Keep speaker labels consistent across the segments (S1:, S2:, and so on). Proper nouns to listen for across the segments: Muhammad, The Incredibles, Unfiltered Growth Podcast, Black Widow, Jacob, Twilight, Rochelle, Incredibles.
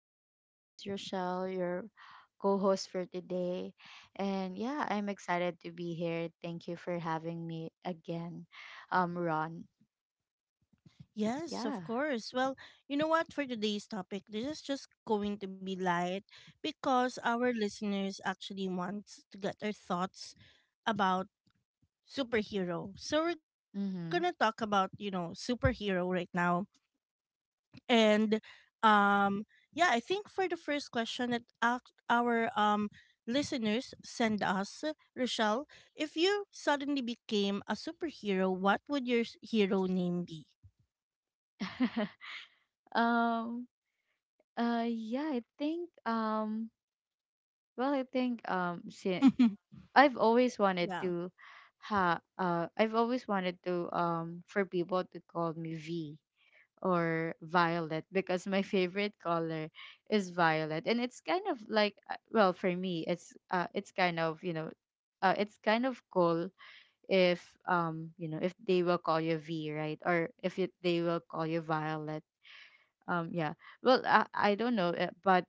S1: guys, this is Rochelle, your co-host for today. And yeah, I'm excited to be here. Thank you for having me again. Ron. Yeah.
S2: Yes, of course. Well, you know what? For today's topic, this is just going to be light because our listeners actually want to get their thoughts about superhero. So, we're going to
S1: Mhm.
S2: talk about, you know, superhero right now. And um yeah, I think for the first question that our listeners send us, Rochelle, if you suddenly became a superhero, what would your hero name be?
S1: Um yeah, I think well, I think I've always wanted
S2: Yeah.
S1: to ha I've always wanted to for people to call me V. or Violet because my favorite color is violet, and it's kind of like well for me it's kind of it's kind of cool if you know, if they will call you V, right, or if it, they will call you Violet. um yeah I don't know, but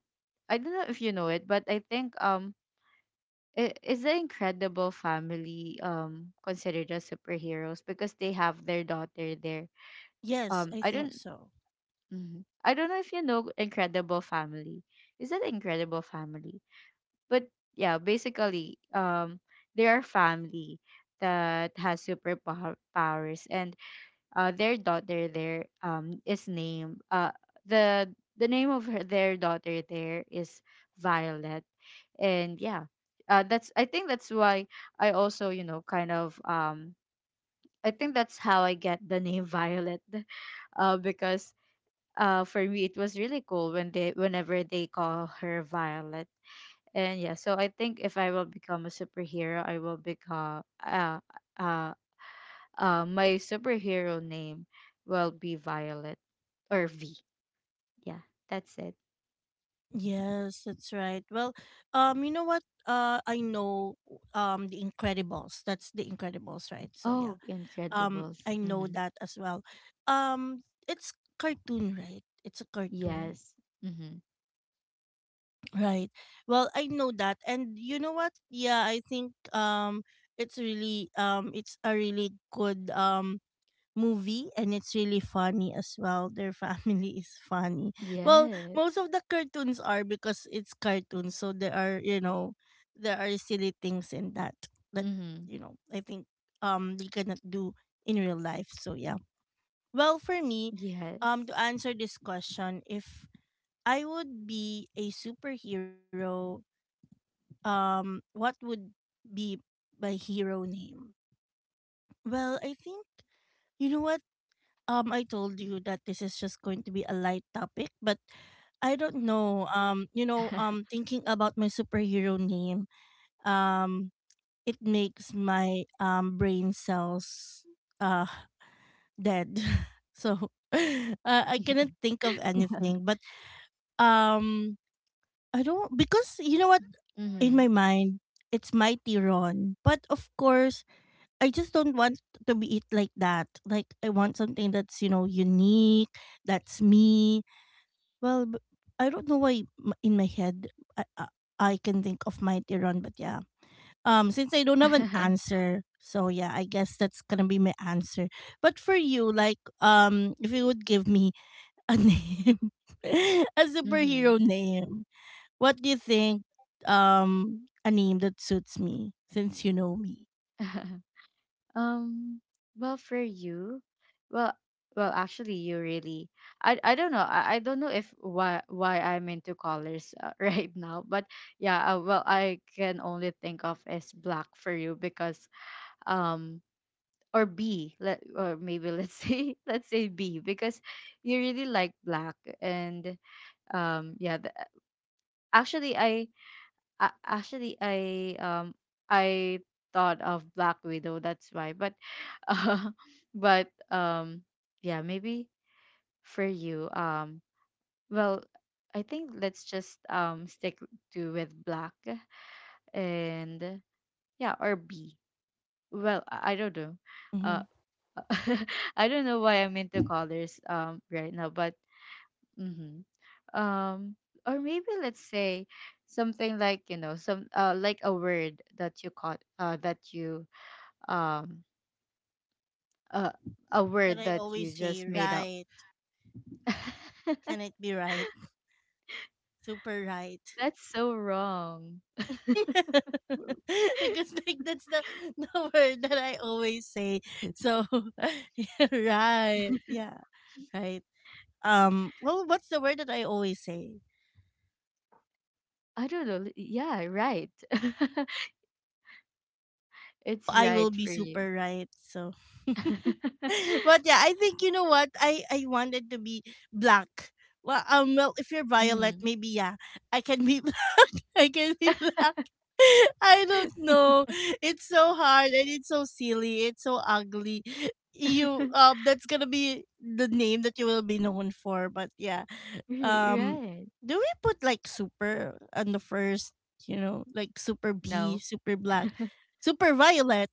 S1: I don't know if you know it, but I think is the Incredible Family considered as superheroes because they have their daughter there.
S2: Yes, I
S1: I
S2: think
S1: don't.
S2: so.
S1: Mhm. I don't know if you know Incredible Family. Is that Incredible Family? But yeah, basically, they are family that has superpower powers, and their daughter there is named the the name of her, their daughter there is Violet, and that's, I think that's why I also, you know, kind of I think that's how I get the name Violet, because for me it was really cool whenever they call her Violet. And yeah, so I think if I will become a superhero, I will become uh my superhero name will be Violet or V. Yeah, that's it.
S2: Yes, that's right. Well, you know what? I know the Incredibles. That's the Incredibles, right? So yeah.
S1: Oh, Incredibles.
S2: I know
S1: Mhm.
S2: that as well. Um, it's cartoon, right? It's a cartoon.
S1: Yes. Mhm.
S2: Right. Well, I know that. And you know what? Yeah, I think it's really it's a really good movie and it's really funny as well. Their family is funny. Well, most
S1: Yes.
S2: of the cartoons are because it's cartoons, so there are, you know, there are silly things in that that,
S1: Mhm.
S2: you know, I think they cannot do in real life. So yeah. Well, for me,
S1: Yes.
S2: to answer this question, if I would be a superhero, what would be my hero name? Well, I think, you know what, I told you that this is just going to be a light topic, but I don't know. You know, thinking about my superhero name, um it makes my brain cells uh dead. So I cannot think of anything, but um I don't, because you know what, in my
S1: Mhm.
S2: mind it's Mighty Ron, but of course I just don't want to be it like that. Like I want something that's, you know, unique, that's me. Well, I don't know why in my head, I, I I can think of Mighty Run, but yeah. Since I don't have an answer, so yeah, I guess that's gonna be my answer. But for you, like if you would give me a name, a
S1: Mhm.
S2: superhero name, what do you think? A name that suits me since you know me.
S1: Um, well, for you, well, well, actually, you really, I don't know, I don't know if why I'm into colors right now, but yeah, well, I can only think of as black for you because um or B, let or maybe let's say B because you really like black, and um yeah, the, actually I, I actually I thought of Black Widow, that's why, but but yeah maybe for you. Well I think let's just stick to with black and yeah or B. I don't know. uh
S2: Mm-hmm.
S1: I don't know why I'm into colors right now, but hmm, um or maybe let's say something like, you know, some like a word that you caught, that you um uh, a
S2: That
S1: word
S2: I
S1: that you
S2: always say,
S1: just made up.
S2: right? Can it be right? Super right.
S1: That's so wrong.
S2: Because like that's the the word that I always say. So yeah, right. Yeah, right. Well, what's the word that I always say?
S1: I don't know. Yeah, right. It's
S2: I will
S1: right
S2: be
S1: for you.
S2: super right. So but yeah, I think you know what? I wanted to be black. Well, well, if you're violet,
S1: Hmm.
S2: maybe yeah, I can be I can be black. I don't know. It's so hard and it's so silly. It's so ugly. You that's gonna be the name that you will be known for. But yeah. Um
S1: Right.
S2: do we put like super on the first, you know, like super B,
S1: No.
S2: super black, super violet?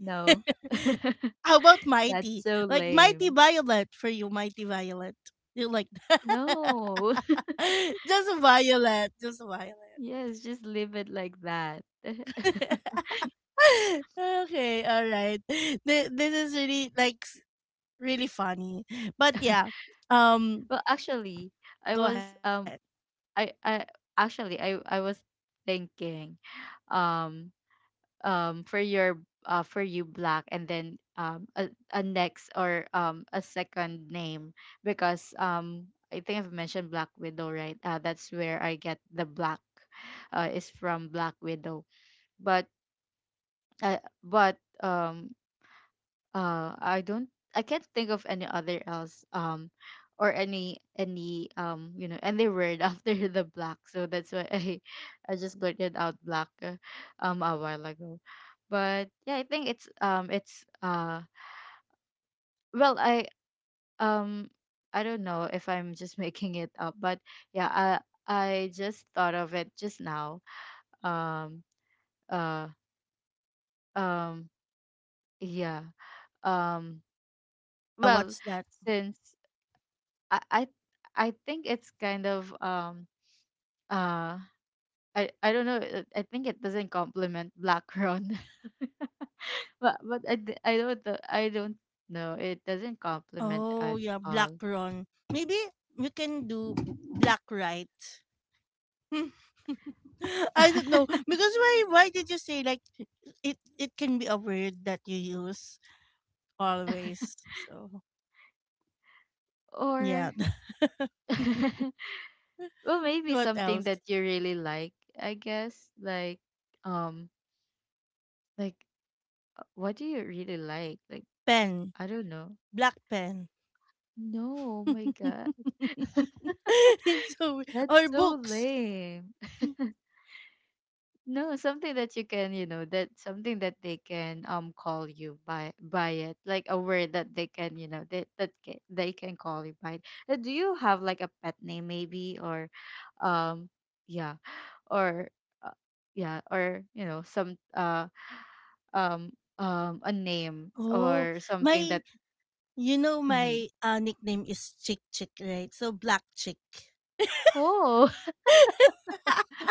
S1: No.
S2: How about
S1: That's
S2: mighty?
S1: so
S2: Like mighty
S1: lame.
S2: violet for you, mighty violet. You like that?
S1: No.
S2: Just a violet. Just a violet.
S1: Yes, just leave it like that.
S2: Okay, all right. This is really like really funny. But yeah, um
S1: Well, actually, I
S2: go
S1: was
S2: ahead.
S1: I actually I was thinking um for your for you black, and then a next, or a second name, because I think I've mentioned Black Widow, right? That's where I get the black. Is from Black Widow, but uh, but um I don't, I can't think of any other else, or any you know, any word after the black, so that's why I just blurted out black, a while ago. But yeah, I think it's well i um I don't know if I'm just making it up, but yeah, I just thought of it just now. um uh um yeah um well,
S2: What's that?
S1: since I I think it's kind of uh I don't know, I think it doesn't complement black Ron. But I don't know, I don't know, it doesn't complement at
S2: Oh, yeah, black
S1: all.
S2: run. Maybe we can do black right. Hmm. I don't know because why did you say like it can be a word that you use always. So, yeah.
S1: Or well, maybe
S2: What
S1: something
S2: else?
S1: that you really like. I guess, like um like, what do you really like, like?
S2: Pen,
S1: I don't know.
S2: black pen.
S1: No, oh my god.
S2: It's so
S1: That's
S2: or
S1: so
S2: books.
S1: lame.
S2: Mm.
S1: No, something that you can, you know, that something that they can call you by, like a word that they can, you know, that they can call you by it. Do you have like a pet name maybe, or um yeah, or uh, yeah, or you know, some um a name
S2: Oh,
S1: or something
S2: my,
S1: that,
S2: you know
S1: mhm.
S2: my nickname is Chick Chick, right? So Black Chick.
S1: Oh,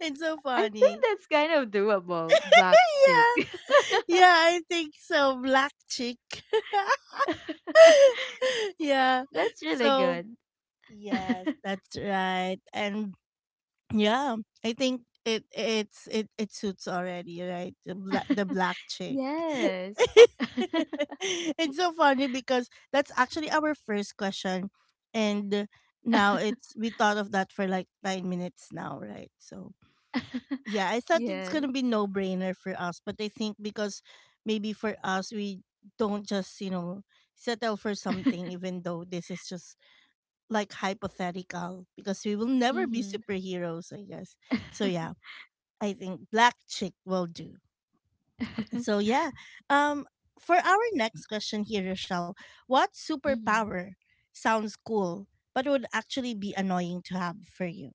S2: It's so
S1: I think
S2: funny.
S1: that's kind of doable, black chick.
S2: Yeah. Yeah, I think so. Black Chick. Yeah.
S1: That's really
S2: So
S1: good.
S2: yes, that's right. And yeah, I think it it's it it suits already, right? The black the black chick.
S1: Yes.
S2: It's so funny because that's actually our first question, and now it's we thought of that for like 9 minutes now, right? So yeah, I thought it's
S1: Yes.
S2: gonna be no brainer for us, but I think because maybe for us we don't just, you know, settle for something, even though this is just like hypothetical because we will never be
S1: Mhm.
S2: superheroes, I guess. So yeah, I think black chick will do. So yeah, um, for our next question here, Rochelle, what
S1: Mhm.
S2: superpower sounds cool but would actually be annoying to have for you?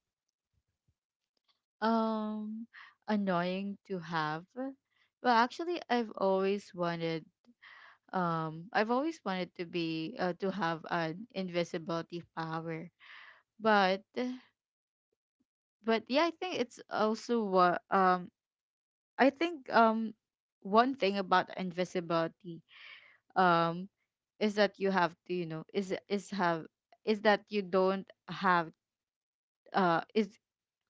S1: Um, annoying to have. Well, actually, I've always wanted. I've always wanted to be to have an invisibility power, but but yeah, I think it's also what I think one thing about invisibility um is that you have to, you know, is have is that you don't have is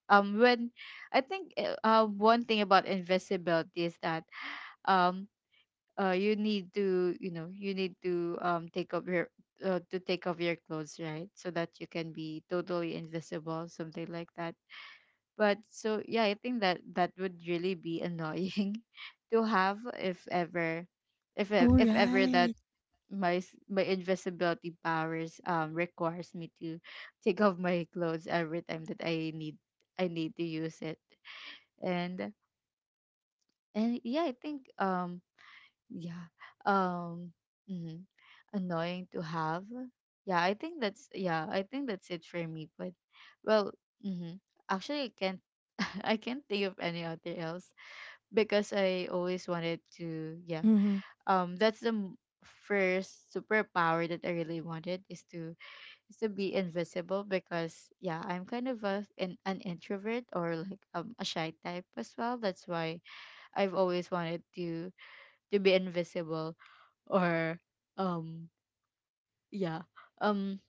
S1: when I think one thing about invisibility is that um you need to, you know, you need to take up your to take off your clothes, right, so that you can be totally invisible, something like that. But so yeah, I think that that would really be annoying to have, if ever,
S2: All
S1: if ever that
S2: right.
S1: my invisibility powers requires me to take off my clothes every time that I need to use it. and and yeah, I think yeah um mhm, annoying to have. Yeah, I think that's it for me, but well, mm-hmm, actually I can't I can't think of any other else, because I always wanted to, yeah,
S2: Mm-hmm.
S1: that's first superpower that I really wanted is to be invisible, because yeah, I'm kind of a, an introvert, or like a shy type as well, that's why I've always wanted to be invisible, or um yeah um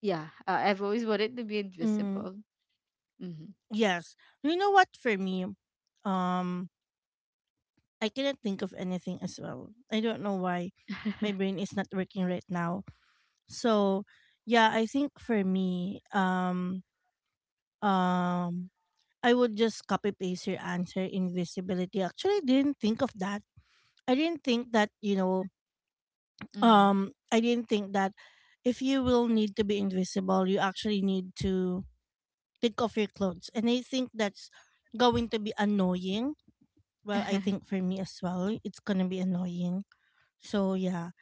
S1: yeah I've always wanted to be invisible. Mm-hmm.
S2: Yes. You know what for me? Um I cannot think of anything as well. I don't know why my brain is not working right now. So yeah, I think for me, um I would just copy paste your answer invisibility. Actually, I didn't think of that. I didn't think that, you know,
S1: Mm-hmm.
S2: I didn't think that if you will need to be invisible, you actually need to take off your clothes. And I think that's going to be annoying. Well, I think for me as well, it's gonna be annoying. So yeah.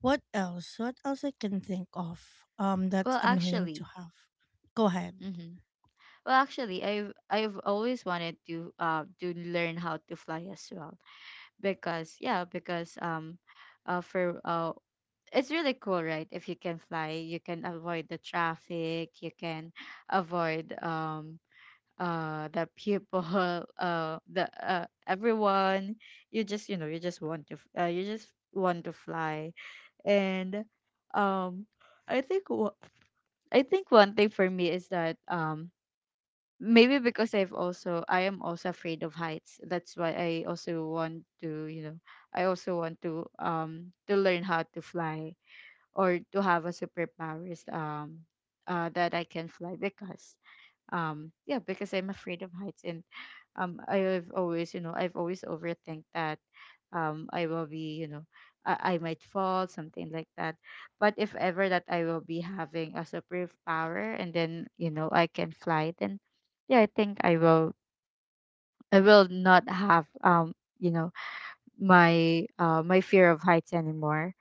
S2: What else? What else I can think of? That's
S1: Well,
S2: annoying to
S1: actually,
S2: have. Go ahead.
S1: mm-hmm, well, actually, I've always wanted to learn how to fly as well because, yeah, because for it's really cool, right? If you can fly, you can avoid the traffic, you can avoid the people the everyone. You just, you know, you just want to you just want to fly. And um I think I think one thing for me is that maybe because I've also, I am also afraid of heights, that's why I also want to, you know, I also want to learn how to fly, or to have a superpowers that I can fly, because yeah, because I'm afraid of heights. And I've always, you know, I've always overthink that I will be, you know, I might fall, something like that. But if ever that I will be having a superpower, and then, you know, I can fly, then yeah, I think I will not have you know, my fear of heights anymore.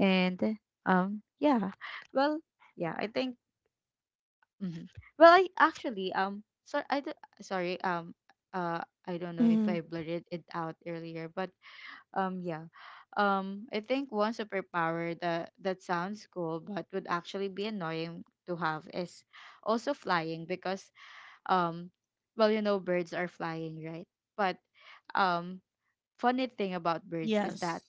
S1: And um yeah well yeah I think, hmm, well, I actually, sorry, sorry, I don't know if
S2: Mm-hmm.
S1: I blurted it out earlier, but yeah, I think one superpower that that sounds cool but would actually be annoying to have is also flying, because um well, you know, birds are flying, right, but um funny thing about birds is that
S2: Yes.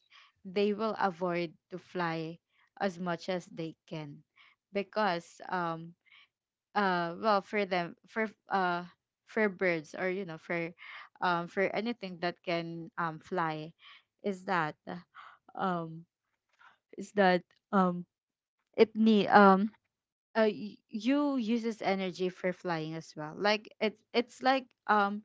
S1: they will avoid to fly as much as they can, because well, for them, for birds, or you know, for anything that can fly, is that um is that um it you uses energy for flying as well, like it's like um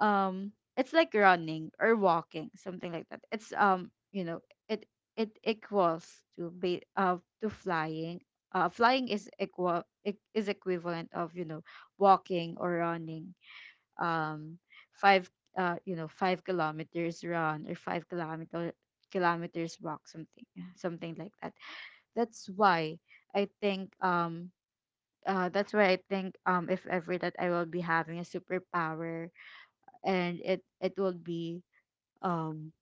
S1: um it's like running or walking, something like that. It's, you know, it equals to flying. Flying is equal, it is equivalent of, you know, walking or running. Um five You know, 5 kilometers run, or five-kilometer kilometers walk, something, yeah, something like that. That's why I think that's why I think if ever that I will be having a superpower, and it would be um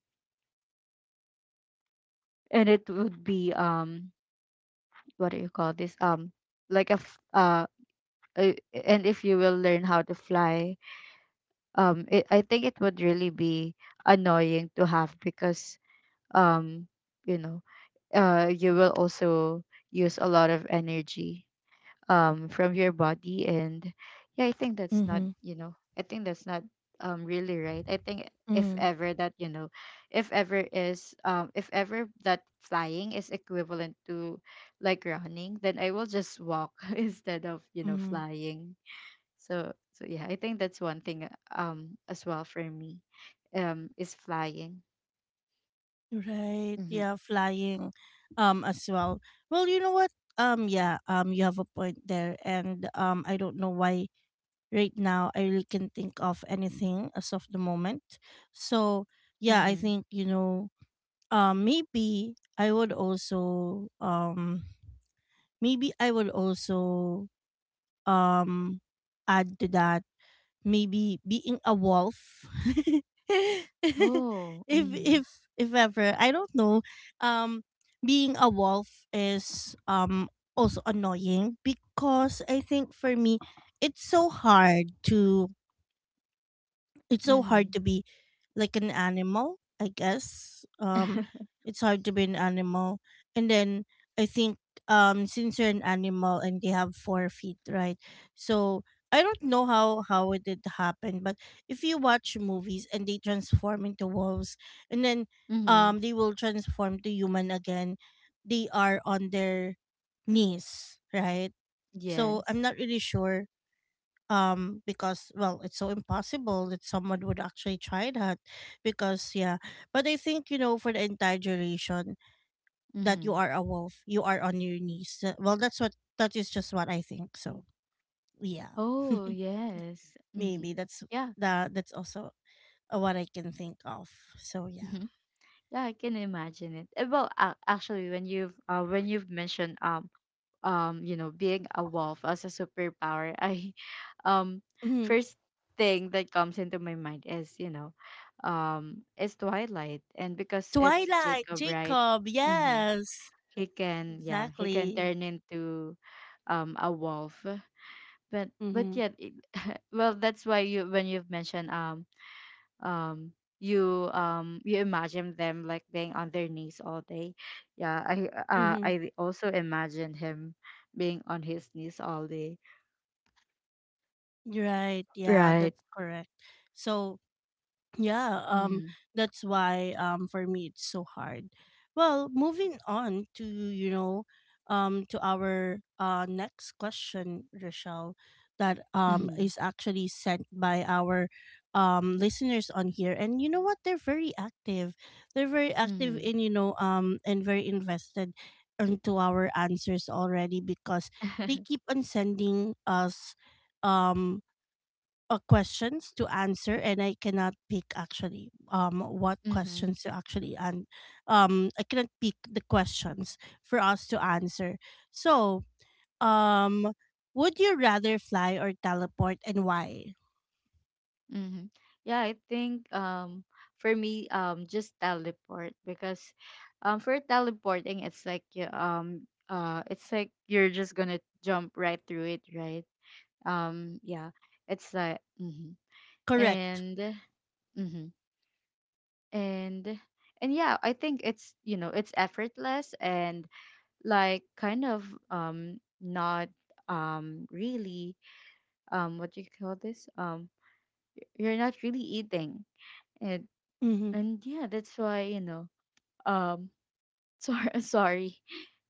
S1: and it would be um what do you call this? Like a f- uh uh, and if you will learn how to fly, I think it would really be annoying to have, because um you know, you will also use a lot of energy from your body. And yeah, I think that's not,
S2: Mm-hmm.
S1: you know, I think that's not really right. I think if
S2: Mm-hmm.
S1: ever that, you know, if ever that flying is equivalent to like running, then I will just walk instead of, you know,
S2: Mm-hmm.
S1: flying. So so yeah, I think that's one thing, as well for me, is flying.
S2: Right.
S1: Mm-hmm.
S2: Yeah. Flying. As well. Well, you know what? Yeah. You have a point there, and I don't know why right now I really can think of anything as of the moment. So yeah, I
S1: Mm-hmm.
S2: think you know, maybe I would also, maybe I would also, um add to that maybe being a wolf.
S1: Oh,
S2: if
S1: mm-hmm.
S2: if if ever, I don't know, um being a wolf is also annoying because I think for me it's so hard to it's so hard
S1: Mm-hmm.
S2: to be like an animal, I guess. It's hard to be an animal, and then I think, since you're an animal and they have 4 feet, right, so I don't know how it did happen, but if you watch movies and they transform into wolves and then
S1: Mm-hmm.
S2: they will transform to human again, they are on their knees, right? So I'm
S1: Yes.
S2: not really sure, because well it's so impossible that someone would actually try that, because yeah. But I think, you know, for the entire duration that you
S1: Mm-hmm.
S2: are a wolf, you are on your knees. Well that's what, that is just what I think. So yeah.
S1: Oh, yes. Mm-hmm.
S2: Maybe that's
S1: Yeah.
S2: that's also what I can think of. So yeah.
S1: Mm-hmm. Yeah, I can imagine it. Actually, when you've mentioned being a wolf as a superpower, I um
S2: Mhm.
S1: first thing that comes into my mind is is Twilight, and because it's
S2: Twilight
S1: Jacob, right?
S2: Jacob,
S1: Mm-hmm.
S2: yes,
S1: He can he can
S2: exactly.
S1: turn into a wolf, but
S2: Mm-hmm.
S1: yeah well that's why you when you've mentioned um you you imagine them like being on their knees all day. yeah i
S2: Mm-hmm.
S1: I also imagine him being on his knees all day,
S2: Right, yeah,
S1: right.
S2: that's correct. So yeah,
S1: mhm
S2: that's why for me it's so hard. Well, moving on to you know, to our next question, Rochelle, that
S1: mhm
S2: is actually sent by our listeners on here, and you know what? They're very active. They're very active
S1: mhm
S2: in, you know, and very invested into our answers already because they keep on sending us um questions to answer, and I cannot pick actually what
S1: mhm
S2: questions to actually, and I cannot pick the questions for us to answer. So, um would you rather fly or teleport and why?
S1: mhm yeah, I think for me, just teleport because for teleporting it's like you it's like you're just gonna jump right through it, right? Yeah, it's like mhm.
S2: Correct.
S1: and mhm and and yeah, I think it's you know it's effortless and like kind of not really, what do you call this, you're not really eating. And
S2: Mhm.
S1: and yeah, that's why you know um sorry,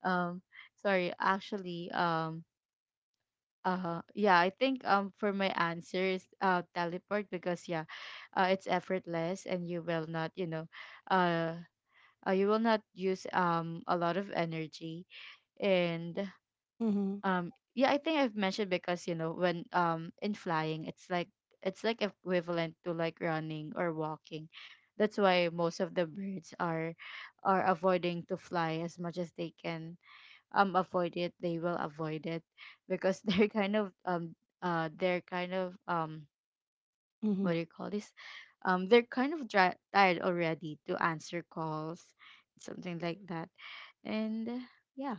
S1: um actually, yeah, I think, for my answer is teleport because yeah, it's effortless and you will not you know uh you will not use a lot of energy. And
S2: Mhm.
S1: yeah, I think I've mentioned because you know when in flying it's like, it's like equivalent to like running or walking. That's why most of the birds are avoiding to fly as much as they can. Avoid it, they will avoid it because they're kind of um, what
S2: Mhm.
S1: do you call this? They're kind of dri tired already to answer calls, something like that. And uh, yeah,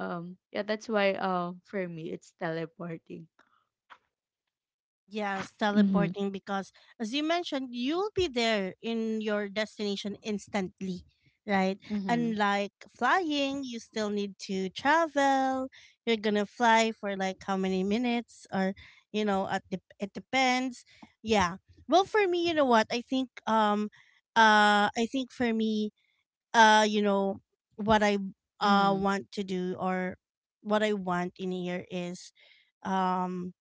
S1: yeah, that's why for me it's teleporting.
S2: Yes,
S1: Mm-hmm.
S2: teleporting because as you mentioned, you'll be there in your destination instantly, right?
S1: Mm-hmm.
S2: Unlike flying, you still need to travel. You're gonna fly for like how many minutes or you know, at the, it depends. Yeah. Well, for me, you know what? I think for me, you know, what I
S1: Mm-hmm.
S2: want to do, or what I want in here is um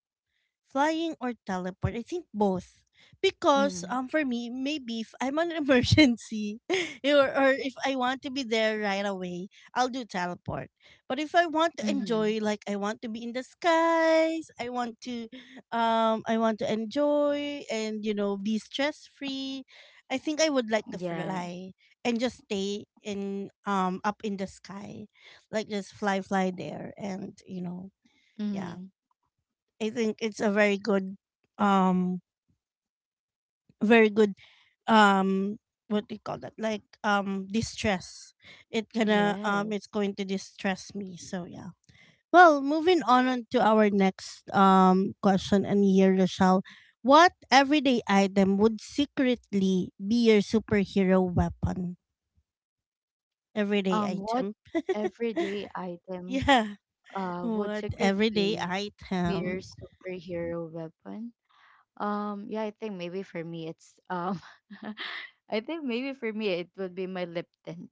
S2: flying or teleport? I think both. Because
S1: Mm-hmm.
S2: for me, maybe if I'm on an emergency, or if I want to be there right away, I'll do teleport. But if I want to
S1: Mm-hmm.
S2: enjoy, like I want to be in the skies, I want to, enjoy and you know be stress free, I think I would like to
S1: Yeah.
S2: fly and just stay in, up in the sky. Like just fly there and you know, yeah,
S1: Mm-hmm.
S2: I think it's a very good um very good um what do you call that? Like distress. It gonna it's
S1: Yes.
S2: going to distress me. So yeah. Well, moving on to our next question and here, Rochelle. What everyday item would secretly be your superhero weapon? Everyday
S1: What
S2: item.
S1: everyday item
S2: Yeah.
S1: would
S2: What everyday
S1: secretly be your
S2: item?
S1: superhero weapon? Yeah, I think maybe for me it's I think maybe for me it would be my lip tint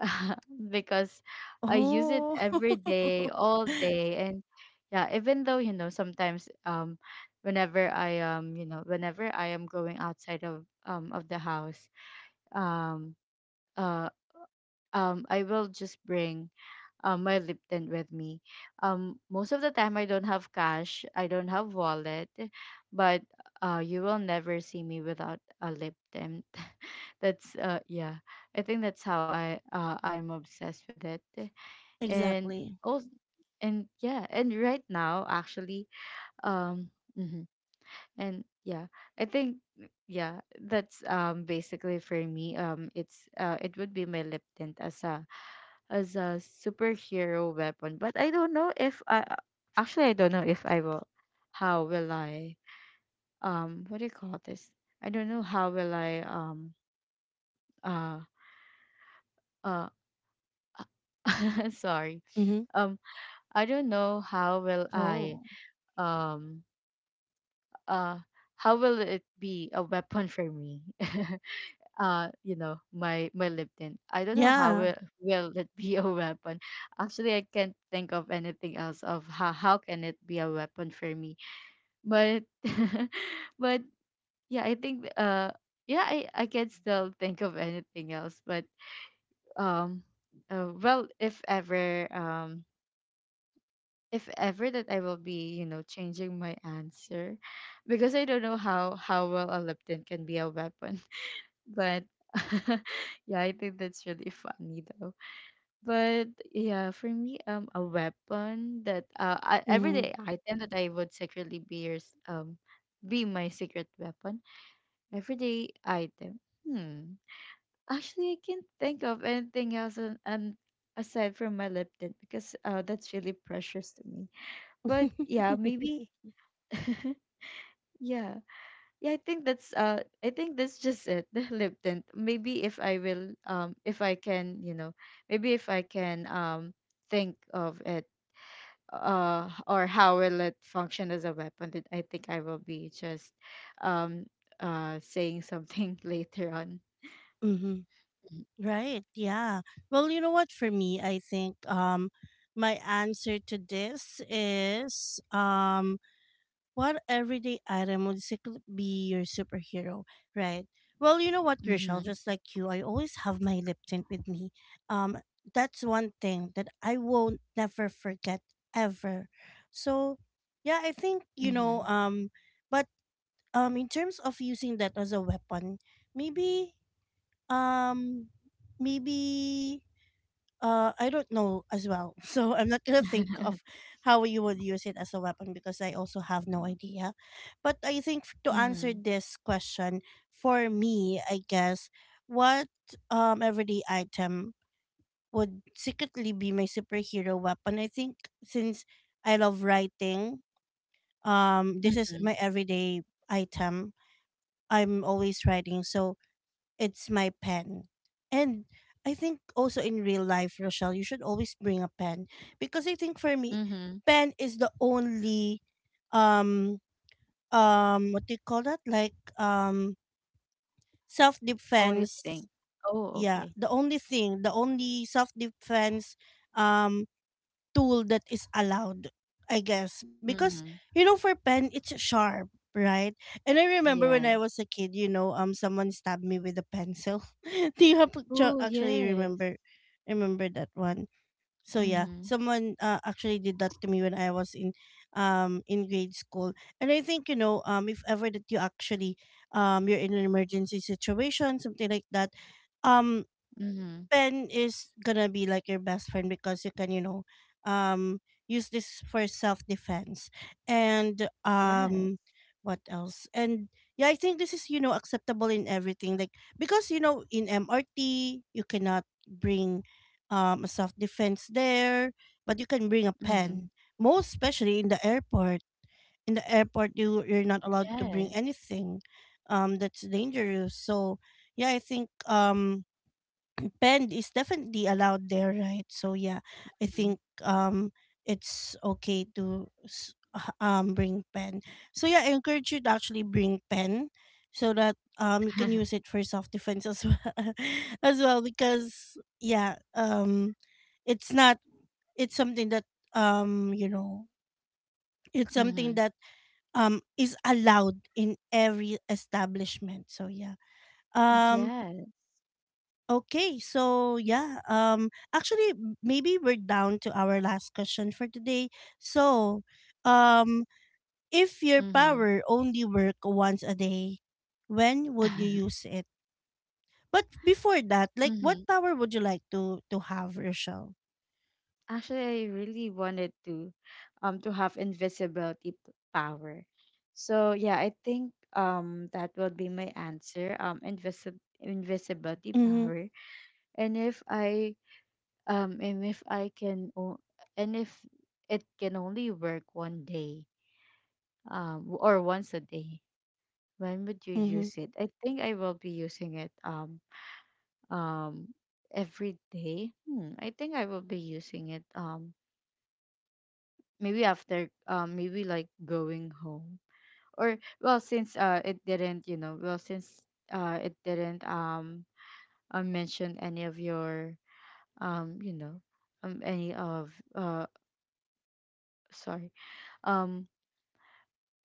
S1: because I use it
S2: Oh.
S1: every day, all day, and yeah, even though you know sometimes whenever I whenever I am going outside of the house, um uh I will just bring my lip tint with me. Um, most of the time I don't have cash, I don't have wallet, but you will never see me without a lip tint. That's yeah. I think that's how I I'm obsessed with it. And
S2: Exactly.
S1: also, and yeah, and right now actually um mhm. And yeah, I think, yeah, that's basically for me it's it would be my lip tint as a, as a superhero weapon. But I don't know if I actually I don't know if I will, how will I what do you call this? I don't know how will I uh uh
S2: Mm-hmm.
S1: sorry, um, I don't know
S2: Oh.
S1: how will I um uh how will it be a weapon for me? Uh, you know, my LinkedIn. I don't know
S2: Yeah.
S1: how will it be a weapon. Actually, I can't think of anything else of how can it be a weapon for me. But but yeah, I think yeah, I can still think of anything else, but um well, if ever um, if ever that I will be, you know, changing my answer because I don't know how well a leptin can be a weapon. But yeah, I think that's really funny though. But yeah, for me, a weapon that I,
S2: Mm-hmm.
S1: everyday item that I would secretly be your be my secret weapon. Everyday item. Hmm. Actually, I can't think of anything else, and aside from my leptin because that's really precious to me. But yeah, maybe yeah. Yeah, I think that's just it, the lip tint. Maybe if I will if I can, you know, maybe if I can think of it or how will it function as a weapon, then I think I will be just um saying something later on.
S2: Mm-hmm.
S1: Mm.
S2: Right. Yeah. Well, you know what? For me, I think my answer to this is, what everyday item would secretly be your superhero, right? Well, you know what, Rochelle?
S1: Mm-hmm.
S2: Just like you, I always have my lip tint with me. Um, that's one thing that I won't never forget ever. So, yeah, I think you know.
S1: Mm-hmm.
S2: But in terms of using that as a weapon, maybe, um maybe, I don't know as well. So I'm not gonna think of how you would use it as a weapon, because I also have no idea. But I think to answer
S1: Mhm,
S2: this question, for me, I guess, what everyday item would secretly be my superhero weapon, I think since I love writing, this is
S1: mhm,
S2: my everyday item. I'm always writing, so it's my pen. And I think also in real life, Rochelle, you should always bring a pen, because I think for me,
S1: mhm.
S2: pen is the only um what do you call that? Like, self
S1: Only
S2: defense.
S1: thing. Oh,
S2: Yeah,
S1: okay.
S2: the only thing, the only self defense um tool that is allowed, I guess. Because,
S1: Mhm.
S2: you know, for pen, it's sharp, right? And I remember when I
S1: Yes.
S2: was a kid, you know, someone stabbed me with a pencil. Do you have,
S1: Oh,
S2: actually
S1: yes.
S2: remember, remember that one? So yeah,
S1: Mhm,
S2: someone actually did that to me when I was in grade school. And I think you know, if ever that you actually, you're in an emergency situation, something like that, um
S1: mhm.
S2: pen is gonna be like your best friend, because you can, you know, um use this for self defense. and
S1: Yes.
S2: um what else and yeah, I think this is, you know, acceptable in everything, like, because you know in MRT you cannot bring a self defense there, but you can bring a pen.
S1: Mhm.
S2: Most especially in the airport, in the airport, you you're not allowed to bring
S1: Yes.
S2: anything that's dangerous. So yeah, I think spend is definitely allowed there, right? So yeah, I
S1: Mhm.
S2: think it's okay to bring pen. So yeah, I encourage you to actually bring pen, so that you can
S1: Mhm.
S2: use it for self defense as well as well, because yeah, it's not, it's something that, you know, it's something that is allowed in every establishment. So yeah. um
S1: Yes.
S2: Okay, so yeah, actually, maybe we're down to our last question for today. So, um, if your
S1: Mhm.
S2: power only work once a day, when would you use it? But before that, like, what
S1: Mhm.
S2: power would you like to have, Rochelle?
S1: Actually, I really wanted to have power. So yeah, I think that will be my answer. Um, invisibility
S2: Mm-hmm.
S1: power. And if I and if I can o- and if it can only work 1 day, or once a day, when would you
S2: Mm-hmm.
S1: use it? I think I will be using it um every day. Hmm, I think I will be using it maybe after maybe like going home, or well since it didn't you know, well since it didn't mention any of your um you know any of sorry um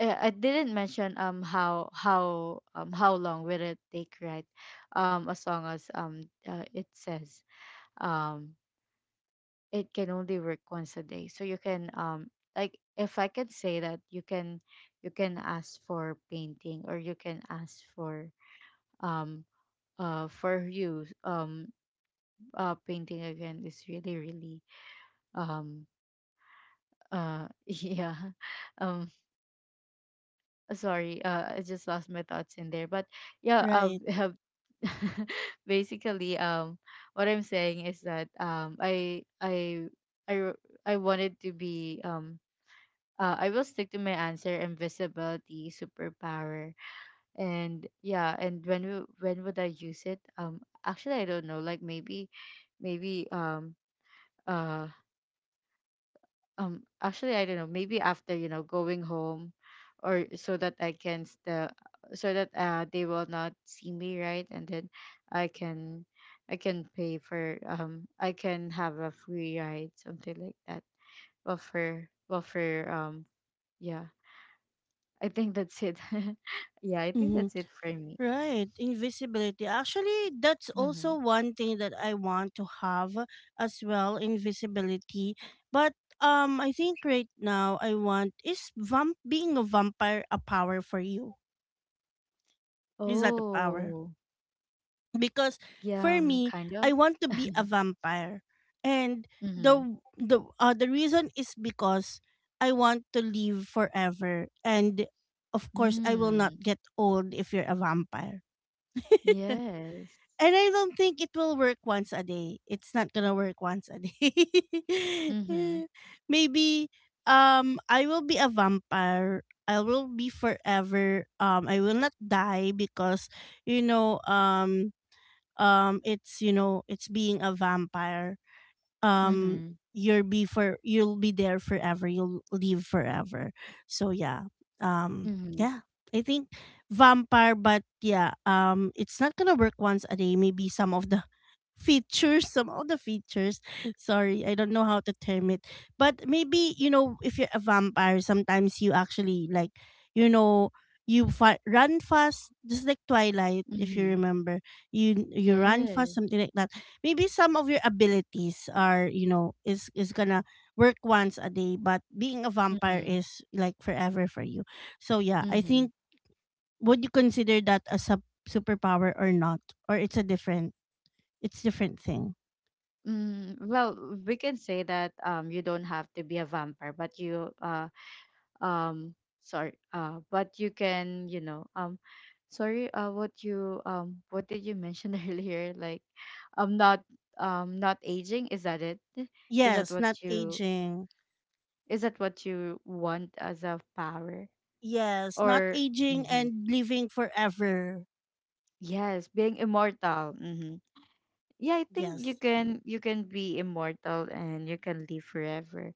S1: I didn't mention how long will it take, right? As long as it says um it can only work once a day, so you can like if I can say that you can, you can ask for painting, or you can ask um for you painting again is really really um yeah. um. Sorry, I just lost my thoughts in there. But yeah,
S2: Right.
S1: have basically what I'm saying is that i I wanted to be I will stick to my answer, invisibility superpower. And yeah, and when would I use it? Actually I don't know, like maybe, maybe uh actually I don't know, maybe after, you know, going home, or so that I can still, so that they will not see me, right? And then I can, I can pay for I can have a free ride, something like that. Well for, well for yeah, I think that's it. Yeah, I think
S2: Mm-hmm.
S1: that's it for me.
S2: Right, invisibility. Actually, that's
S1: Mm-hmm.
S2: also one thing that I want to have as well, invisibility. But I think right now I want is vamp being a vampire a power for you? Is that a power?
S1: Oh,
S2: Because
S1: yeah,
S2: for me,
S1: kind
S2: I
S1: of.
S2: want to be a vampire, and
S1: Mm-hmm.
S2: the reason is because I want to live forever, and of course, I will not
S1: Mm.
S2: get old if you're a vampire.
S1: Yes.
S2: And I don't think it will work once a day. It's not gonna work once a day.
S1: Mm-hmm.
S2: Maybe I will be a vampire. I will be forever. I will not die because you know it's, you know, it's being a vampire, um
S1: Mm-hmm.
S2: you'll be for you'll be there forever, you'll live forever. So yeah. um
S1: Mm-hmm.
S2: yeah I think vampire. But yeah, it's not gonna work once a day. Maybe some of the features, some of the features, sorry, I don't know how to term it. But maybe, you know, if you're a vampire, sometimes you actually, like, you know, you run fast, just like Twilight, if you
S1: Mm-hmm.
S2: remember. You run fast,
S1: Yes.
S2: something like that. Maybe some of your abilities are, you know, is gonna work once a day, but being a vampire
S1: Mm-hmm.
S2: is like forever for you. So yeah, I
S1: Mm-hmm.
S2: think would you consider that as a superpower or not, or it's a different, it's different thing.
S1: Mm, well, we can say that you don't have to be a vampire, but you um sorry, but you can, you know, sorry, what you what did you mention earlier, like not not aging, is that it? is that
S2: Yes,
S1: what
S2: not
S1: you
S2: aging.
S1: is that what you want as a power?
S2: Yes, not
S1: Or
S2: aging
S1: mm-hmm.
S2: and living forever.
S1: Yes, being immortal. Mm-hmm. Yeah, I think you
S2: Yes.
S1: can, you can be immortal and you can live forever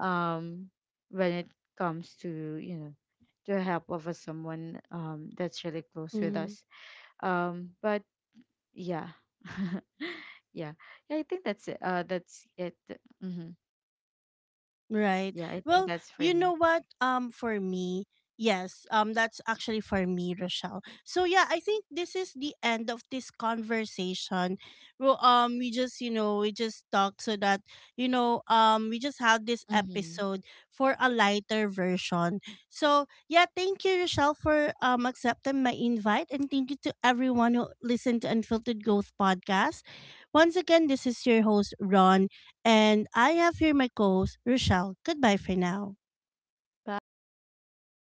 S1: um when it comes to, you know, to help of a someone that's really close with
S2: Mm-hmm.
S1: us. But yeah, yeah, yeah, I think that's it, that's it. Hmm.
S2: Right.
S1: Yeah, I think
S2: Well,
S1: that's for
S2: you
S1: me.
S2: know what? For me, yes. That's actually for me, Rochelle. So yeah, I think this is the end of this conversation. Well, we just you know we just talked so that you know we just had this
S1: Hmm.
S2: episode for a lighter version. So yeah, thank you, Rochelle, for accepting my invite, and thank you to everyone who listened to Unfiltered Growth podcast. Once again, this is your host Ron, and I have here my co host, Rochelle. Goodbye for now.
S1: Bye.